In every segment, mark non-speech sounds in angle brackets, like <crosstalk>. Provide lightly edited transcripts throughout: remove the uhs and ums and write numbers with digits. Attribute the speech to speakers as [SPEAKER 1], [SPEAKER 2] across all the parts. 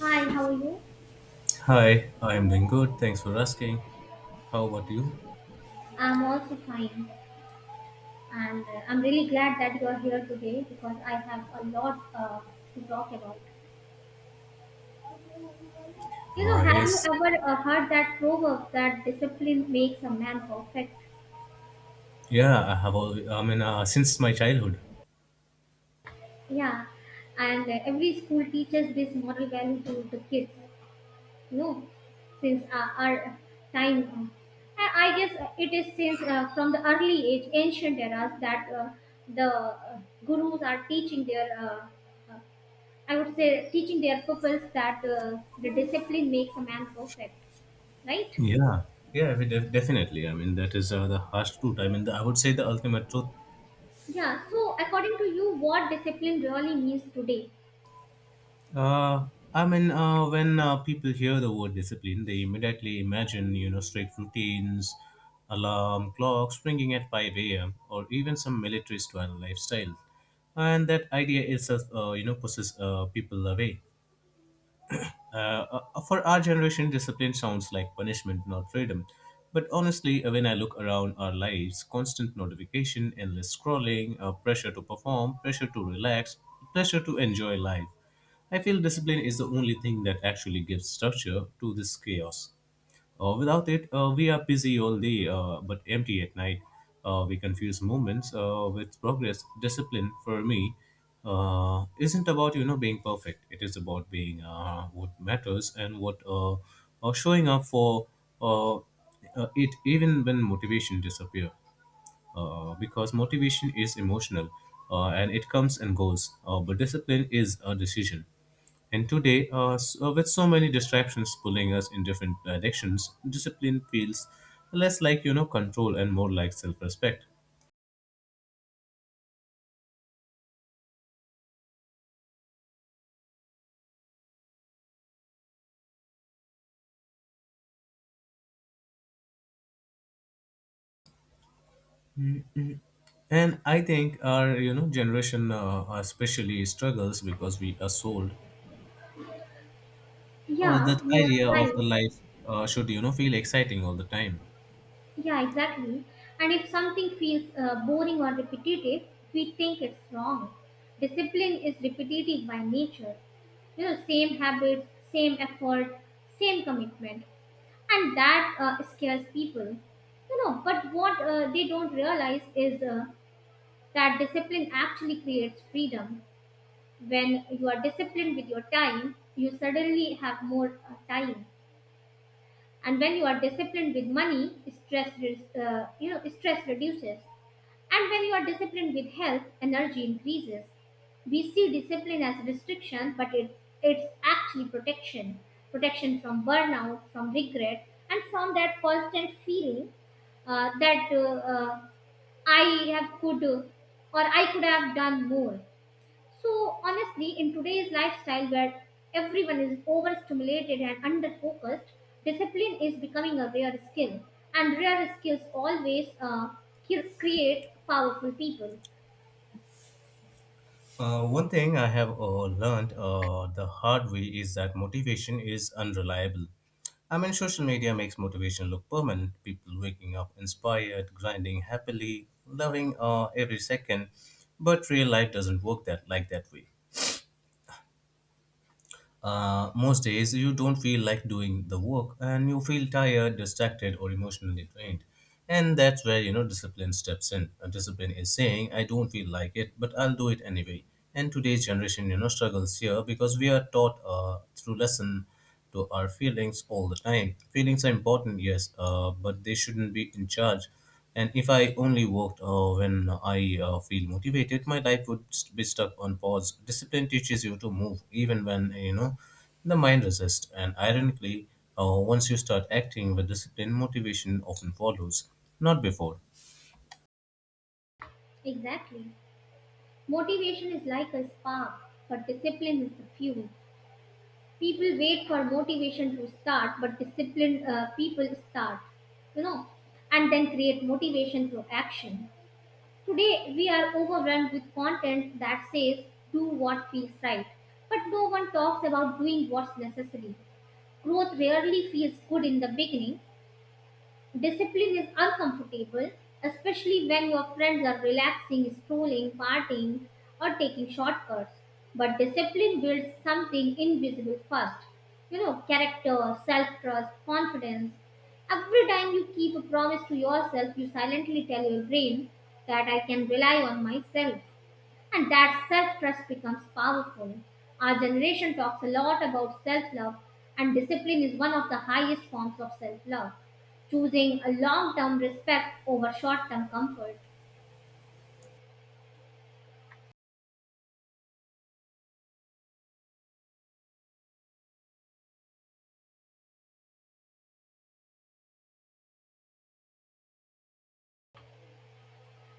[SPEAKER 1] Hi, how are you?
[SPEAKER 2] Hi, I'm doing good. Thanks for asking. How about you?
[SPEAKER 1] I'm also fine, and I'm really glad that you are here today because I have a lot to talk about. You know, have you
[SPEAKER 2] Yes.
[SPEAKER 1] ever heard that proverb that discipline makes a man perfect?
[SPEAKER 2] Yeah, I have all, I mean, since my childhood.
[SPEAKER 1] Yeah, and every school teaches this moral value to the kids. You know, since our time, I guess it is since from the early age, ancient eras, that the gurus are teaching their uh, I would say teaching their pupils that the discipline makes a man perfect, right?
[SPEAKER 2] Yeah. Yeah, I mean, definitely. I mean, that is the harsh truth. I mean, I would say the ultimate truth.
[SPEAKER 1] Yeah, so according to you, what discipline really means today?
[SPEAKER 2] Uh, when people hear the word discipline, they immediately imagine, strict routines, alarm clocks ringing at 5 a.m., or even some military style lifestyle. And that idea itself, pushes people away. Uh, for our generation, discipline sounds like punishment, not freedom. But honestly, when I look around our lives, constant notification, endless scrolling, pressure to perform, pressure to relax, pressure to enjoy life, I feel discipline is the only thing that actually gives structure to this chaos. Without it, we are busy all day but empty at night. We confuse moments with progress. Discipline for me isn't about being perfect. It is about being what matters and what showing up for it even when motivation disappears, because motivation is emotional, and it comes and goes, but discipline is a decision. And today, with so many distractions pulling us in different directions, discipline feels less like control and more like self-respect. And I think our generation especially struggles because we are sold
[SPEAKER 1] Yeah,
[SPEAKER 2] that
[SPEAKER 1] you are
[SPEAKER 2] idea
[SPEAKER 1] right.
[SPEAKER 2] of the life should feel exciting all the time.
[SPEAKER 1] Yeah, exactly. And if something feels boring or repetitive, we think it's wrong. Discipline is repetitive by nature. You know, same habits, same effort, same commitment. And that scares people. You know, but what they don't realize is that discipline actually creates freedom. When you are disciplined with your time, you suddenly have more time. And when you are disciplined with money, you know stress reduces. And when you are disciplined with health, energy increases. We see discipline as restriction, but it's actually protection. Protection from burnout, from regret, and from that constant feeling that I have could or I could have done more. So, honestly, in today's lifestyle where everyone is overstimulated and under focused, discipline is becoming a rare skill. And rare skills always create powerful people.
[SPEAKER 2] One thing I have learned the hard way is that motivation is unreliable. I mean, social media makes motivation look permanent. People waking up inspired, grinding happily, loving every second. But real life doesn't work that way. Most days, you don't feel like doing the work and you feel tired, distracted, or emotionally drained. And that's where, discipline steps in. Discipline is saying, I don't feel like it, but I'll do it anyway. And today's generation, struggles here because we are taught through lesson to our feelings all the time. Feelings are important, yes, but they shouldn't be in charge. And if I only worked when I feel motivated, my life would be stuck on pause. Discipline teaches you to move even when you know the mind resists. And ironically, once you start acting with discipline, motivation often follows, not before.
[SPEAKER 1] Exactly. Motivation is like a spark, but discipline is the fuel. People wait for motivation to start, but disciplined people start, you know, and then create motivation through action. Today, we are overrun with content that says, do what feels right. But no one talks about doing what's necessary. Growth rarely feels good in the beginning. Discipline is uncomfortable, especially when your friends are relaxing, strolling, partying, or taking shortcuts. But discipline builds something invisible first. You know, character, self trust, confidence. Every time you keep a promise to yourself, you silently tell your brain that I can rely on myself, and that self trust becomes powerful. Our generation talks a lot about self love, and discipline is one of the highest forms of self love, choosing a long term respect over short term comfort.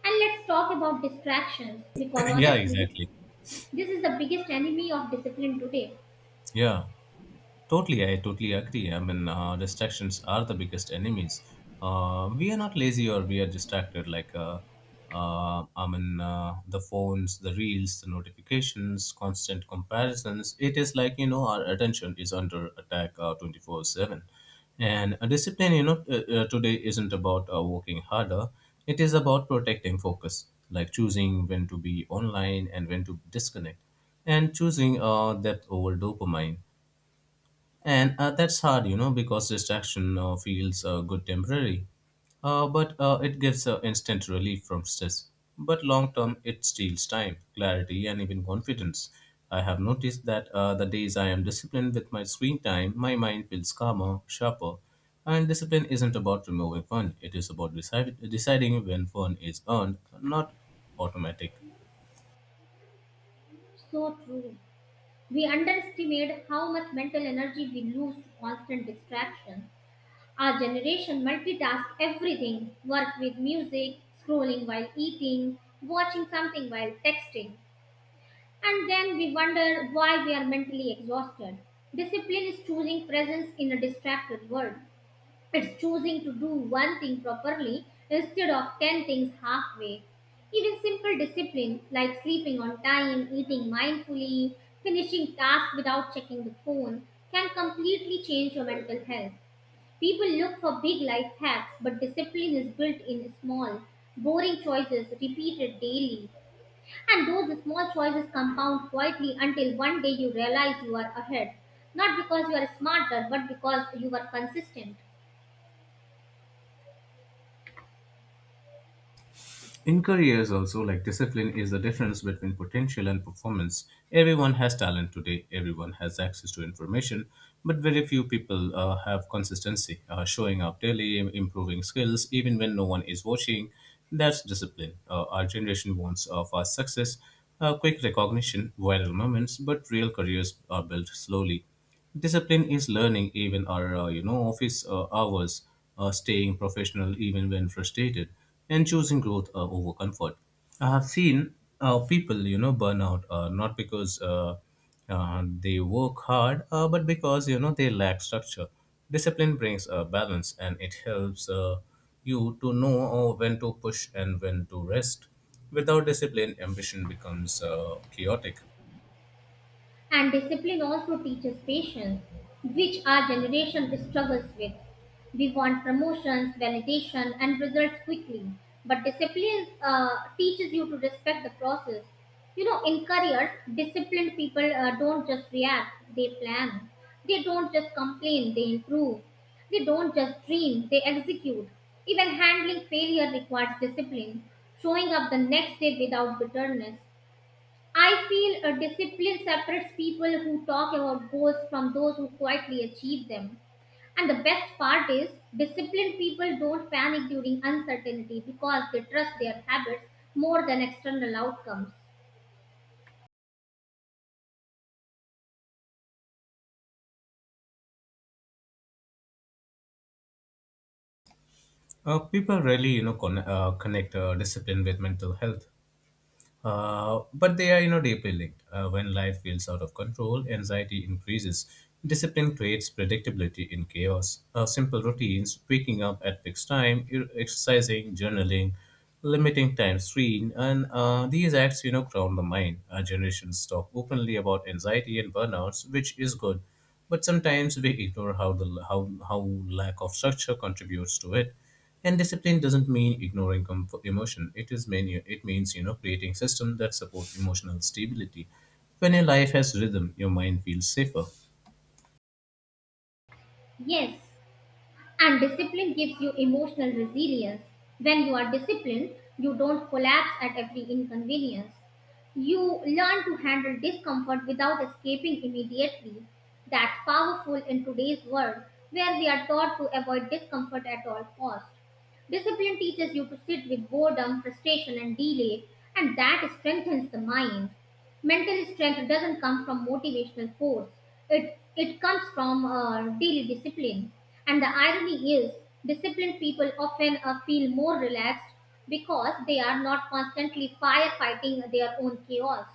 [SPEAKER 1] And let's talk about distractions because
[SPEAKER 2] <clears throat> Yeah,
[SPEAKER 1] honestly,
[SPEAKER 2] exactly.
[SPEAKER 1] this is the biggest enemy of discipline today.
[SPEAKER 2] Yeah. Totally, I totally agree. I mean, distractions are the biggest enemies. We are not lazy or we are distracted. Like, I mean, the phones, the reels, the notifications, constant comparisons. It is like, our attention is under attack 24/7. And a discipline, today isn't about working harder, it is about protecting focus, like choosing when to be online and when to disconnect, and choosing depth over dopamine. And that's hard, because distraction feels good temporary, but it gives instant relief from stress. But long term, it steals time, clarity, and even confidence. I have noticed that the days I am disciplined with my screen time, my mind feels calmer, sharper. And discipline isn't about removing fun, it is about deciding when fun is earned, not automatic.
[SPEAKER 1] So true. We underestimate how much mental energy we lose to constant distractions. Our generation multitask everything, work with music, scrolling while eating, watching something while texting. And then we wonder why we are mentally exhausted. Discipline is choosing presence in a distracted world. It's choosing to do one thing properly instead of 10 things halfway. Even simple discipline like sleeping on time, eating mindfully, finishing tasks without checking the phone can completely change your mental health. People look for big life hacks, but discipline is built in small, boring choices repeated daily. And those small choices compound quietly until one day you realize you are ahead. Not because you are smarter, but because you are consistent.
[SPEAKER 2] In careers, also, like discipline is the difference between potential and performance. Everyone has talent today, everyone has access to information, but very few people have consistency. Showing up daily, improving skills, even when no one is watching, that's discipline. Our generation wants fast success, quick recognition, viral moments, but real careers are built slowly. Discipline is learning even our office hours, staying professional even when frustrated, and choosing growth over comfort. I have seen people, burn out not because they work hard, but because they lack structure. Discipline brings a balance and it helps you to know when to push and when to rest. Without discipline, ambition becomes chaotic.
[SPEAKER 1] And discipline also teaches patience, which our generation struggles with. We want promotions, validation, and results quickly. But discipline teaches you to respect the process. You know, in careers, disciplined people don't just react, they plan. They don't just complain, they improve. They don't just dream, they execute. Even handling failure requires discipline, showing up the next day without bitterness. I feel a discipline separates people who talk about goals from those who quietly achieve them. And the best part is, disciplined people don't panic during uncertainty because they trust their habits more than external outcomes.
[SPEAKER 2] People rarely, connect discipline with mental health, but they are, deeply linked. When life feels out of control, anxiety increases. Discipline creates predictability in chaos. Simple routines, waking up at fixed time, exercising, journaling, limiting time screen, and these acts, ground the mind. Our generations talk openly about anxiety and burnouts, which is good, but sometimes we ignore how the how lack of structure contributes to it. And discipline doesn't mean ignoring comf emotion. It is many. It means creating systems that support emotional stability. When your life has rhythm, your mind feels safer.
[SPEAKER 1] Yes, and discipline gives you emotional resilience. When you are disciplined, you don't collapse at every inconvenience. You learn to handle discomfort without escaping immediately. That's powerful in today's world where we are taught to avoid discomfort at all costs. Discipline teaches you to sit with boredom, frustration, and delay, and that strengthens the mind. Mental strength doesn't come from motivational force. It comes from daily discipline. And the irony is, disciplined people often feel more relaxed because they are not constantly firefighting their own chaos.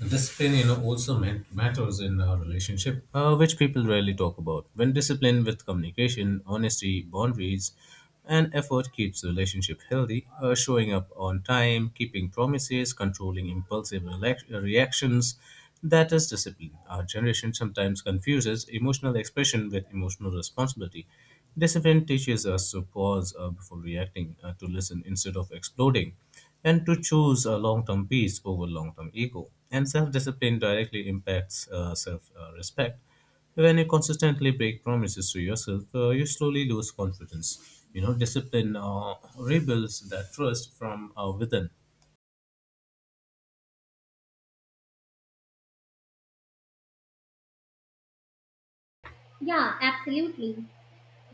[SPEAKER 2] Discipline, also meant matters in a relationship, which people rarely talk about. When discipline with communication, honesty, boundaries, and effort keeps the relationship healthy, showing up on time, keeping promises, controlling impulsive reactions, that is discipline. Our generation sometimes confuses emotional expression with emotional responsibility. This event teaches us to pause before reacting, to listen instead of exploding, and to choose long term peace over long term ego. And self discipline directly impacts self respect. When you consistently break promises to yourself, you slowly lose confidence. You know, discipline rebuilds that trust from within.
[SPEAKER 1] Yeah, absolutely.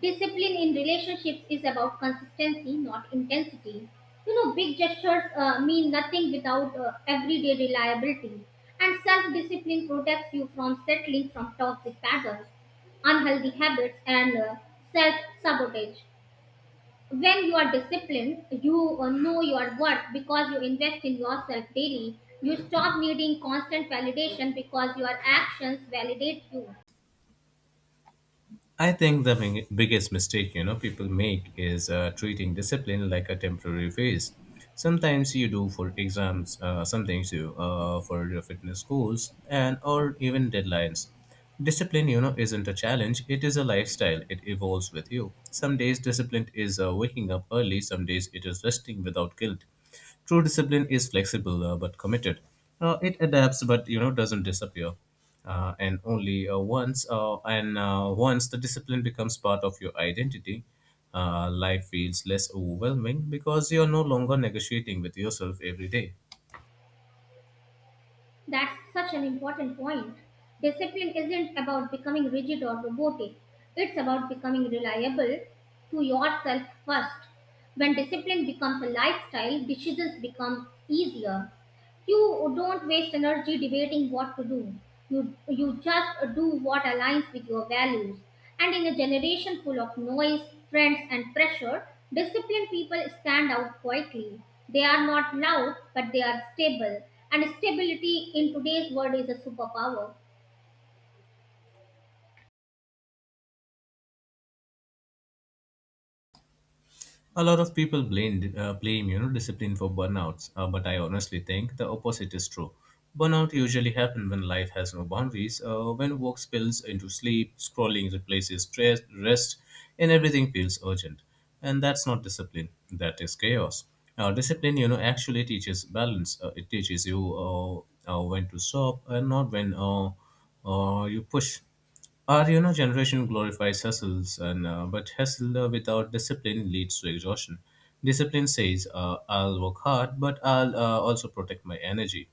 [SPEAKER 1] Discipline in relationships is about consistency, not intensity. You know, big gestures mean nothing without everyday reliability. And self discipline protects you from settling from toxic patterns, unhealthy habits, and self sabotage. When you are disciplined, you know your worth because you invest in yourself daily. You stop needing constant validation because your actions validate you.
[SPEAKER 2] I think the biggest mistake people make is treating discipline like a temporary phase. Sometimes you do for exams, sometimes you for your fitness goals, and or even deadlines. Discipline, isn't a challenge. It is a lifestyle. It evolves with you. Some days discipline is waking up early. Some days it is resting without guilt. True discipline is flexible but committed. It adapts but doesn't disappear. And only once the discipline becomes part of your identity, life feels less overwhelming because you are no longer negotiating with yourself every day.
[SPEAKER 1] That's such an important point. Discipline isn't about becoming rigid or robotic, it's about becoming reliable to yourself first. When discipline becomes a lifestyle, decisions become easier. You don't waste energy debating what to do. You just do what aligns with your values. And in a generation full of noise, trends, and pressure, disciplined people stand out quietly. They are not loud, but they are stable. And stability in today's world is a superpower.
[SPEAKER 2] A lot of people blame discipline for burnouts, but I honestly think the opposite is true. Burnout usually happen when life has no boundaries, when work spills into sleep, scrolling replaces stress, rest, and everything feels urgent. And that's not discipline, that is chaos. Now, discipline, actually teaches balance. It teaches you when to stop and not when you push. Our, generation glorifies hustles, and but hustle without discipline leads to exhaustion. Discipline says, "I'll work hard, but I'll also protect my energy."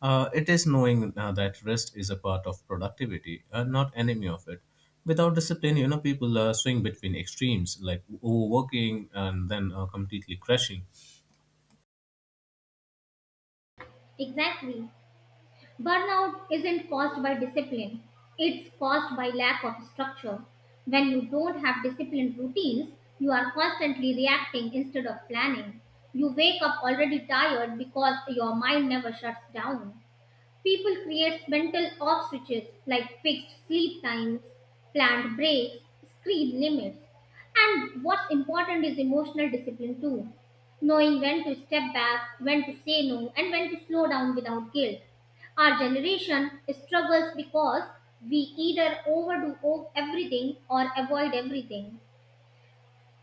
[SPEAKER 2] It is knowing that rest is a part of productivity and not enemy of it. Without discipline, people swing between extremes, like overworking and then completely crashing.
[SPEAKER 1] Exactly. Burnout isn't caused by discipline, it's caused by lack of structure. When you don't have disciplined routines, you are constantly reacting instead of planning. You wake up already tired because your mind never shuts down. People create mental off switches like fixed sleep times, planned breaks, screen limits. And what's important is emotional discipline too. Knowing when to step back, when to say no, and when to slow down without guilt. Our generation struggles because we either everything or avoid everything.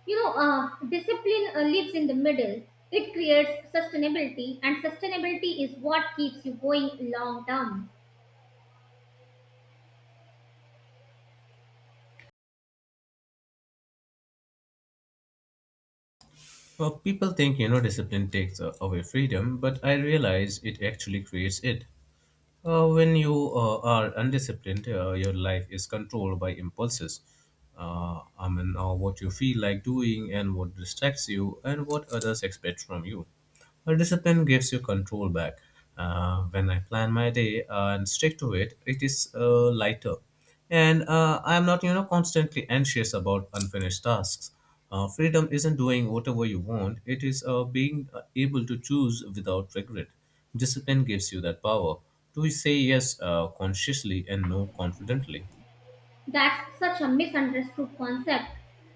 [SPEAKER 1] Discipline lives in the middle. It creates sustainability, and sustainability is what keeps you going long term.
[SPEAKER 2] Well, people think discipline takes away freedom, but I realize it actually creates it. When you are undisciplined, your life is controlled by impulses. I mean, what you feel like doing and what distracts you and what others expect from you. A discipline gives you control back. When I plan my day and stick to it, it is lighter, and I'm not constantly anxious about unfinished tasks. Freedom isn't doing whatever you want; it is being able to choose without regret. Discipline gives you that power to say yes consciously and no confidently.
[SPEAKER 1] That's such a misunderstood concept.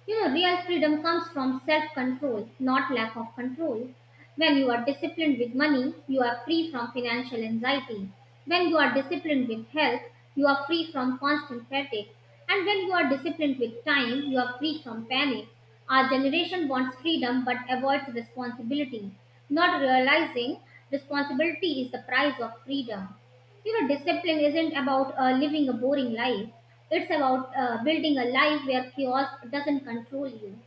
[SPEAKER 1] You know, real freedom comes from self control, not lack of control. When you are disciplined with money, you are free from financial anxiety. When you are disciplined with health, you are free from constant fatigue. And when you are disciplined with time, you are free from panic. Our generation wants freedom but avoids responsibility, not realizing responsibility is the price of freedom. You know, discipline isn't about living a boring life, it's about building a life where chaos doesn't control you.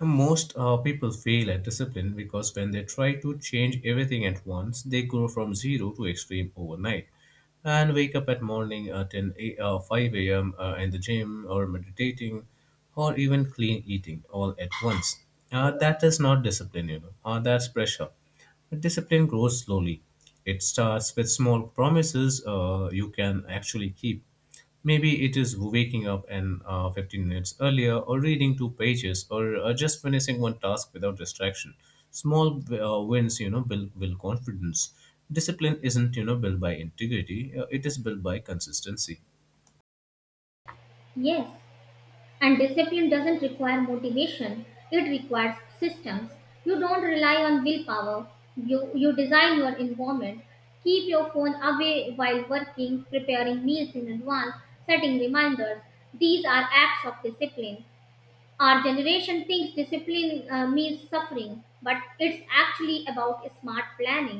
[SPEAKER 2] Most people fail at discipline because when they try to change everything at once, they go from zero to extreme overnight and wake up at morning at 5 a.m. In the gym or meditating or even clean eating all at once. That is not discipline, that's pressure. But discipline grows slowly. It starts with small promises you can actually keep. Maybe it is waking up an 15 minutes earlier, or reading two pages, or just finishing one task without distraction. Small wins, build confidence. Discipline isn't, built by integrity. It is built by consistency.
[SPEAKER 1] Yes, and discipline doesn't require motivation, it requires systems. You don't rely on willpower, you design your environment, keep your phone away while working, preparing meals in advance, setting reminders. These are acts of discipline. Our generation thinks discipline means suffering, but it's actually about smart planning.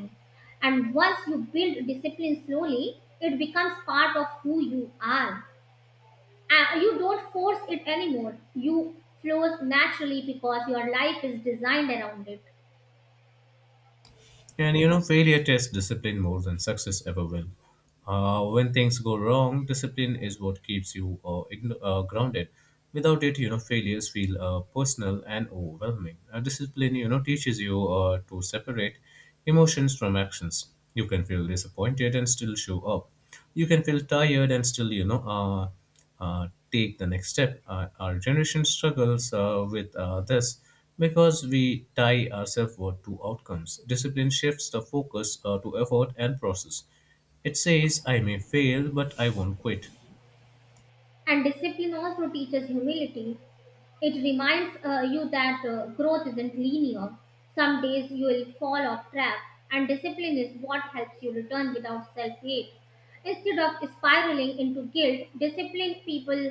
[SPEAKER 1] And once you build discipline slowly, it becomes part of who you are. You don't force it anymore. You flows naturally because your life is designed around it.
[SPEAKER 2] And, failure tests discipline more than success ever will. When things go wrong, discipline is what keeps you grounded. Without it, failures feel personal and overwhelming. Discipline, teaches you to separate emotions from actions. You can feel disappointed and still show up. You can feel tired and still take the next step. Our generation struggles with this because we tie ourselves to outcomes. Discipline shifts the focus to effort and process. It says I may fail but I won't quit.
[SPEAKER 1] And discipline also teaches humility. It reminds you that growth isn't linear. Some days you will fall off track, and discipline is what helps you return without self hate. Instead of spiraling into guilt, disciplined people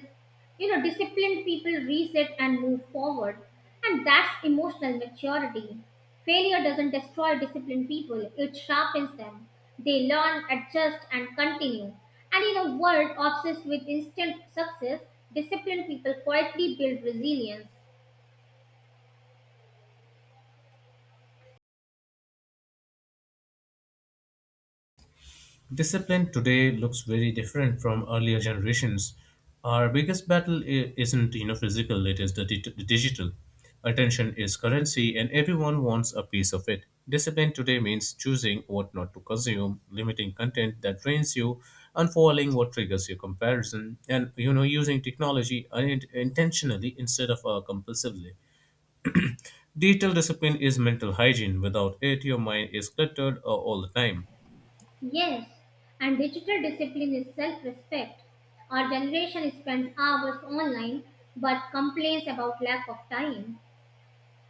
[SPEAKER 1] you know, disciplined people reset and move forward, and that's emotional maturity. Failure doesn't destroy disciplined people, it sharpens them. They learn, adjust, and continue. And in a world obsessed with instant success, disciplined people quietly build resilience.
[SPEAKER 2] Discipline today looks very different from earlier generations. Our biggest battle isn't, you know, physical; it is the digital. Attention is currency, and everyone wants a piece of it. Discipline today means choosing what not to consume, limiting content that drains you, unfollowing what triggers your comparison, and, you know, using technology intentionally instead of compulsively. Digital discipline is mental hygiene. Without it, your mind is cluttered all the time.
[SPEAKER 1] Yes, and digital discipline is self respect. Our generation spends hours online but complains about lack of time.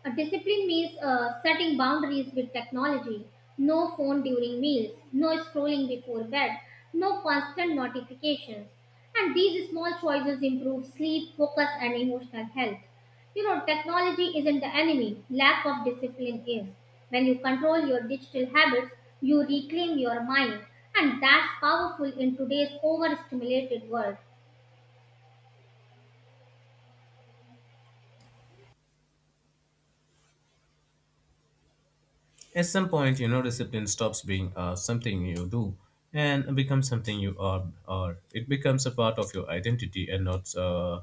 [SPEAKER 1] A discipline means setting boundaries with technology. No phone during meals, no scrolling before bed, no constant notifications. And these small choices improve sleep, focus, and emotional health. You know, technology isn't the enemy, lack of discipline is. When you control your digital habits, you reclaim your mind, and that's powerful in today's overstimulated world.
[SPEAKER 2] At some point, you know, discipline stops being something you do and becomes something you are. It becomes a part of your identity and not,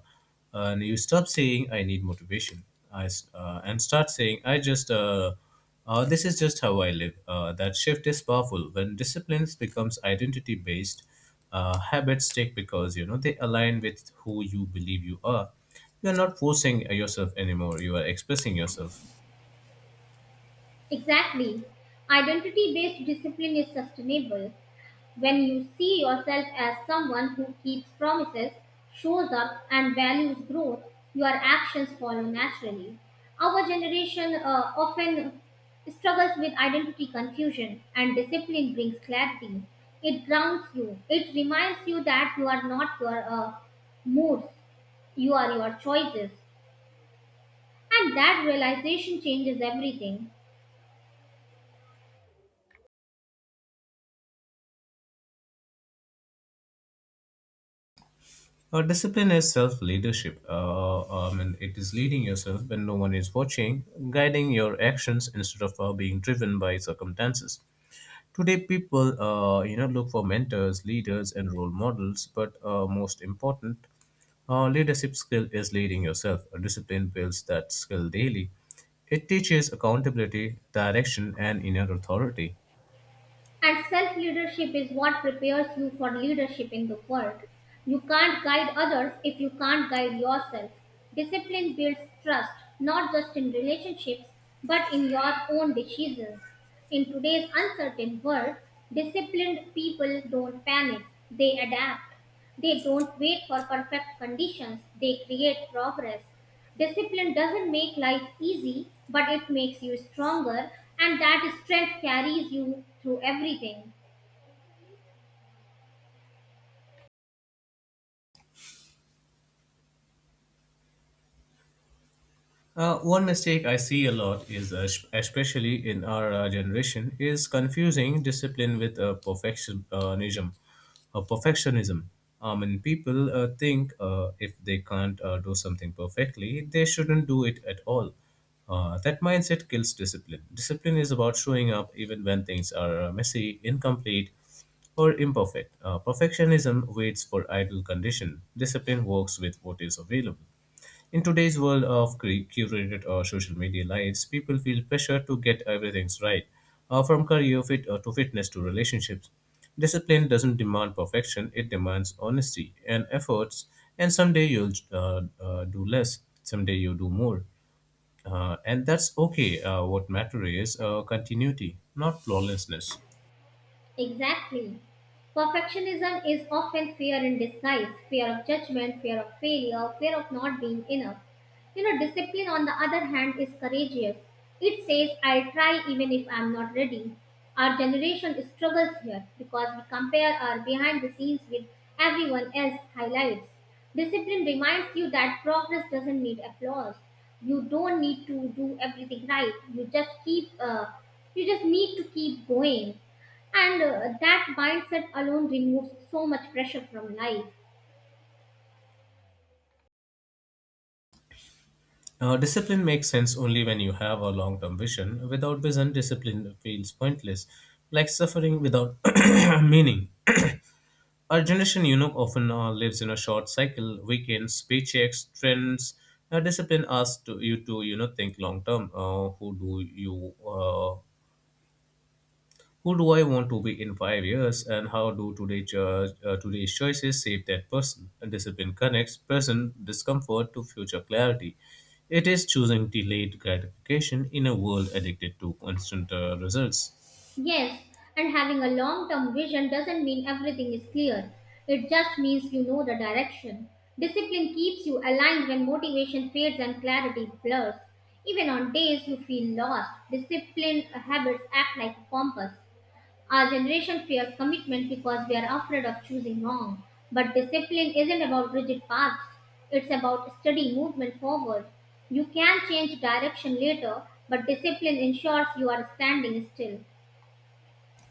[SPEAKER 2] and you stop saying, I need motivation. And start saying, I just, this is just how I live. That shift is powerful. When disciplines becomes identity based, habits stick because, you know, they align with who you believe you are. You are not forcing yourself anymore. You are expressing yourself.
[SPEAKER 1] Exactly. Identity based discipline is sustainable. When you see yourself as someone who keeps promises, shows up, and values growth, your actions follow naturally. Our generation often struggles with identity confusion, and discipline brings clarity. It grounds you, it reminds you that you are not your moods, you are your choices. And that realization changes everything.
[SPEAKER 2] Discipline is self leadership. I mean, it is leading yourself when no one is watching, guiding your actions instead of being driven by circumstances. Today, people, you know, look for mentors, leaders, and role models. But most important, leadership skill is leading yourself. Discipline builds that skill daily. It teaches accountability, direction, and inner authority.
[SPEAKER 1] And self leadership is what prepares you for leadership in the world. You can't guide others if you can't guide yourself. Discipline builds trust, not just in relationships, but in your own decisions. In today's uncertain world, disciplined people don't panic, they adapt. They don't wait for perfect conditions, they create progress. Discipline doesn't make life easy, but it makes you stronger, and that strength carries you through everything.
[SPEAKER 2] One mistake I see a lot is, especially in our generation, is confusing discipline with perfectionism. Uh, perfectionism. I mean, people think if they can't do something perfectly, they shouldn't do it at all. That mindset kills discipline. Discipline is about showing up even when things are messy, incomplete, or imperfect. Perfectionism waits for ideal condition. Discipline works with what is available. In today's world of curated social media lives, people feel pressure to get everything right, from career fit to fitness to relationships. Discipline doesn't demand perfection; it demands honesty and efforts. And someday you'll do less, someday you do more, and that's okay. What matters is continuity, not flawlessness.
[SPEAKER 1] Exactly. Perfectionism is often fear in disguise, fear of judgment, fear of failure, fear of not being enough. You know, discipline, on the other hand, is courageous. It says, I'll try even if I'm not ready. Our generation struggles here because we compare our behind the scenes with everyone else's highlights. Discipline reminds you that progress doesn't need applause. You don't need to do everything right. You just need to keep going. And that mindset alone removes so much pressure from life.
[SPEAKER 2] Discipline makes sense only when you have a long term vision. Without vision, discipline feels pointless, like suffering without <coughs> <clears throat> meaning. Our generation, you know, often lives in a short cycle. Weekends, paychecks, trends, discipline asks to, you know, think long term. Who do I want to be in 5 years, and how do today's choices shape that person? And discipline connects present discomfort to future clarity. It is choosing delayed gratification in a world addicted to constant results.
[SPEAKER 1] Yes, and having a long term vision doesn't mean everything is clear, it just means you know the direction. Discipline keeps you aligned when motivation fades and clarity blurs. Even on days you feel lost, disciplined habits act like a compass. Our generation fears commitment because we are afraid of choosing wrong. But discipline isn't about rigid paths, it's about steady movement forward. You can change direction later, but discipline ensures you are standing still.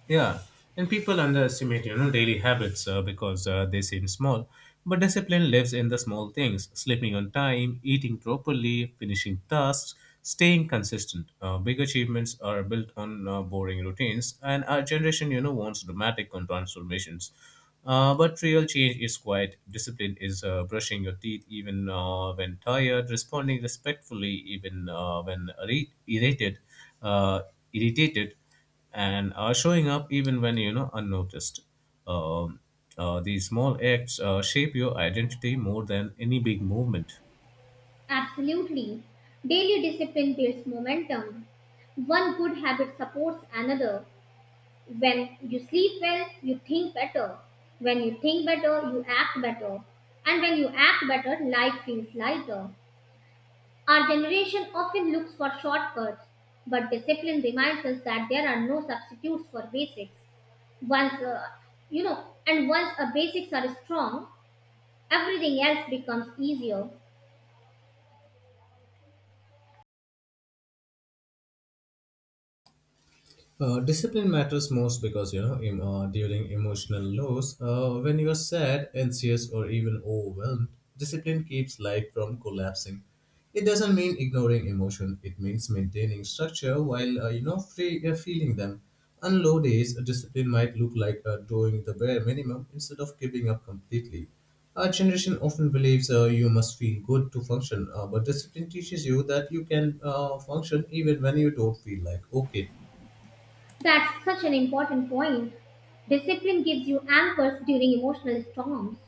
[SPEAKER 2] Yeah, and people underestimate, you know, daily habits because they seem small. But discipline lives in the small things: sleeping on time, eating properly, finishing tasks, staying consistent. Big achievements are built on boring routines, and our generation, you know, wants dramatic transformations. But real change is quiet. Discipline is brushing your teeth even when tired, responding respectfully even uh, when irri- irritated, uh, irritated, and are showing up even when, you know, unnoticed. Um, these small acts shape your identity more than any big movement.
[SPEAKER 1] Absolutely. Daily discipline builds momentum. One good habit supports another. When you sleep well, you think better. When you think better, you act better. And when you act better, life feels lighter. Our generation often looks for shortcuts, but discipline reminds us that there are no substitutes for basics. Once, you know, and once our basics are strong, everything else becomes easier.
[SPEAKER 2] Discipline matters most because, you know, during emotional lows, when you are sad, anxious, or even overwhelmed, discipline keeps life from collapsing. It doesn't mean ignoring emotion; it means maintaining structure while, you know, free feeling them. On low days, discipline might look like doing the bare minimum instead of giving up completely. Our generation often believes you must feel good to function, but discipline teaches you that you can function even when you don't feel like okay.
[SPEAKER 1] That's such an important point. Discipline gives you anchors during emotional storms.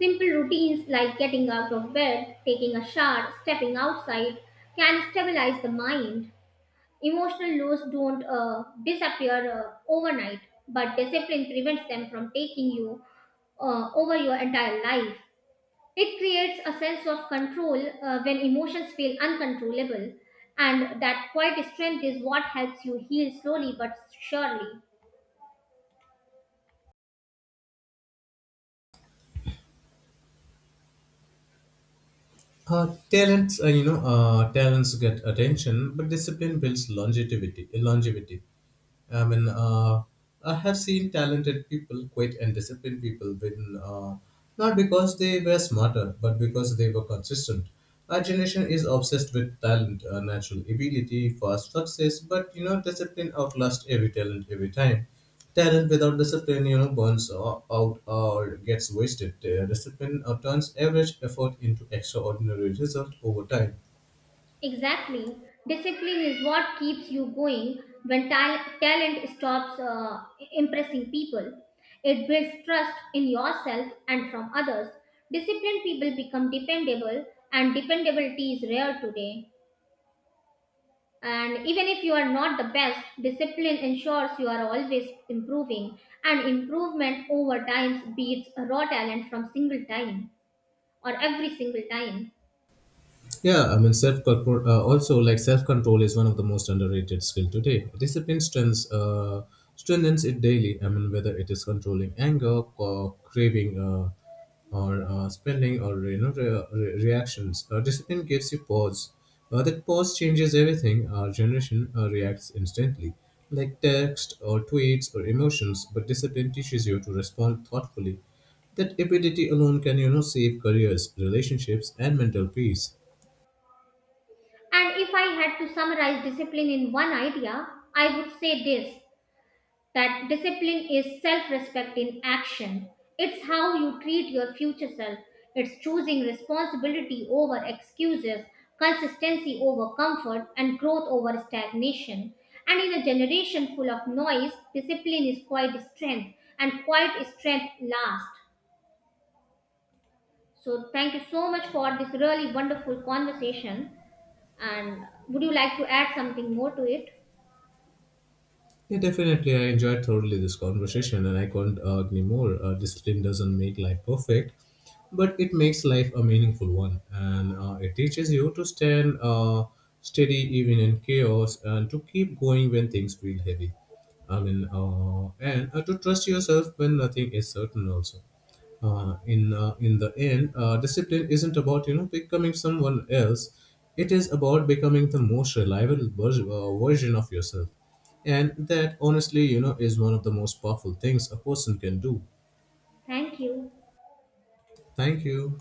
[SPEAKER 1] Simple routines like getting out of bed, taking a shower, stepping outside can stabilize the mind. Emotional lows don't disappear overnight, but discipline prevents them from taking you over your entire life. It creates a sense of control when emotions feel uncontrollable, and that quiet strength is what helps you heal slowly but surely.
[SPEAKER 2] Talents get attention, but discipline builds longevity. I mean, I have seen talented people quit and disciplined people win, not because they were smarter, but because they were consistent. Our generation is obsessed with talent, natural ability, fast success, but, you know, discipline outlasts every talent every time. Talent without discipline, you know, burns out or gets wasted. Discipline turns average effort into extraordinary result over time.
[SPEAKER 1] Exactly. Discipline is what keeps you going when talent stops impressing people. It builds trust in yourself and from others. Disciplined people become dependable, and dependability is rare today. And even if you are not the best, discipline ensures you are always improving, and improvement over time beats raw talent from single time or every single time.
[SPEAKER 2] Yeah, I mean, self control. Also, like, self control is one of the most underrated skill today. Discipline strengthens it daily. I mean, whether it is controlling anger, or craving, or spending, or, you know, reactions. Discipline gives you pause. That pause changes everything. Our generation reacts instantly, like text or tweets or emotions. But discipline teaches you to respond thoughtfully. That ability alone can, you know, save careers, relationships, and mental peace.
[SPEAKER 1] And if I had to summarize discipline in one idea, I would say this, that discipline is self respect in action. It's how you treat your future self, it's choosing responsibility over excuses, consistency over comfort, and growth over stagnation. And in a generation full of noise, discipline is quite strength, and quite strength lasts. So, thank you so much for this really wonderful conversation. And would you like to add something more to it?
[SPEAKER 2] Yeah, definitely. I enjoyed thoroughly this conversation, and I can not argue more. Discipline doesn't make life perfect, but it makes life a meaningful one, and it teaches you to stand steady even in chaos, and to keep going when things feel heavy. I mean, and to trust yourself when nothing is certain. Also in the end, discipline isn't about, you know, becoming someone else. It is about becoming the most reliable version of yourself, and that honestly, you know, is one of the most powerful things a person can do.
[SPEAKER 1] Thank you.
[SPEAKER 2] Thank you.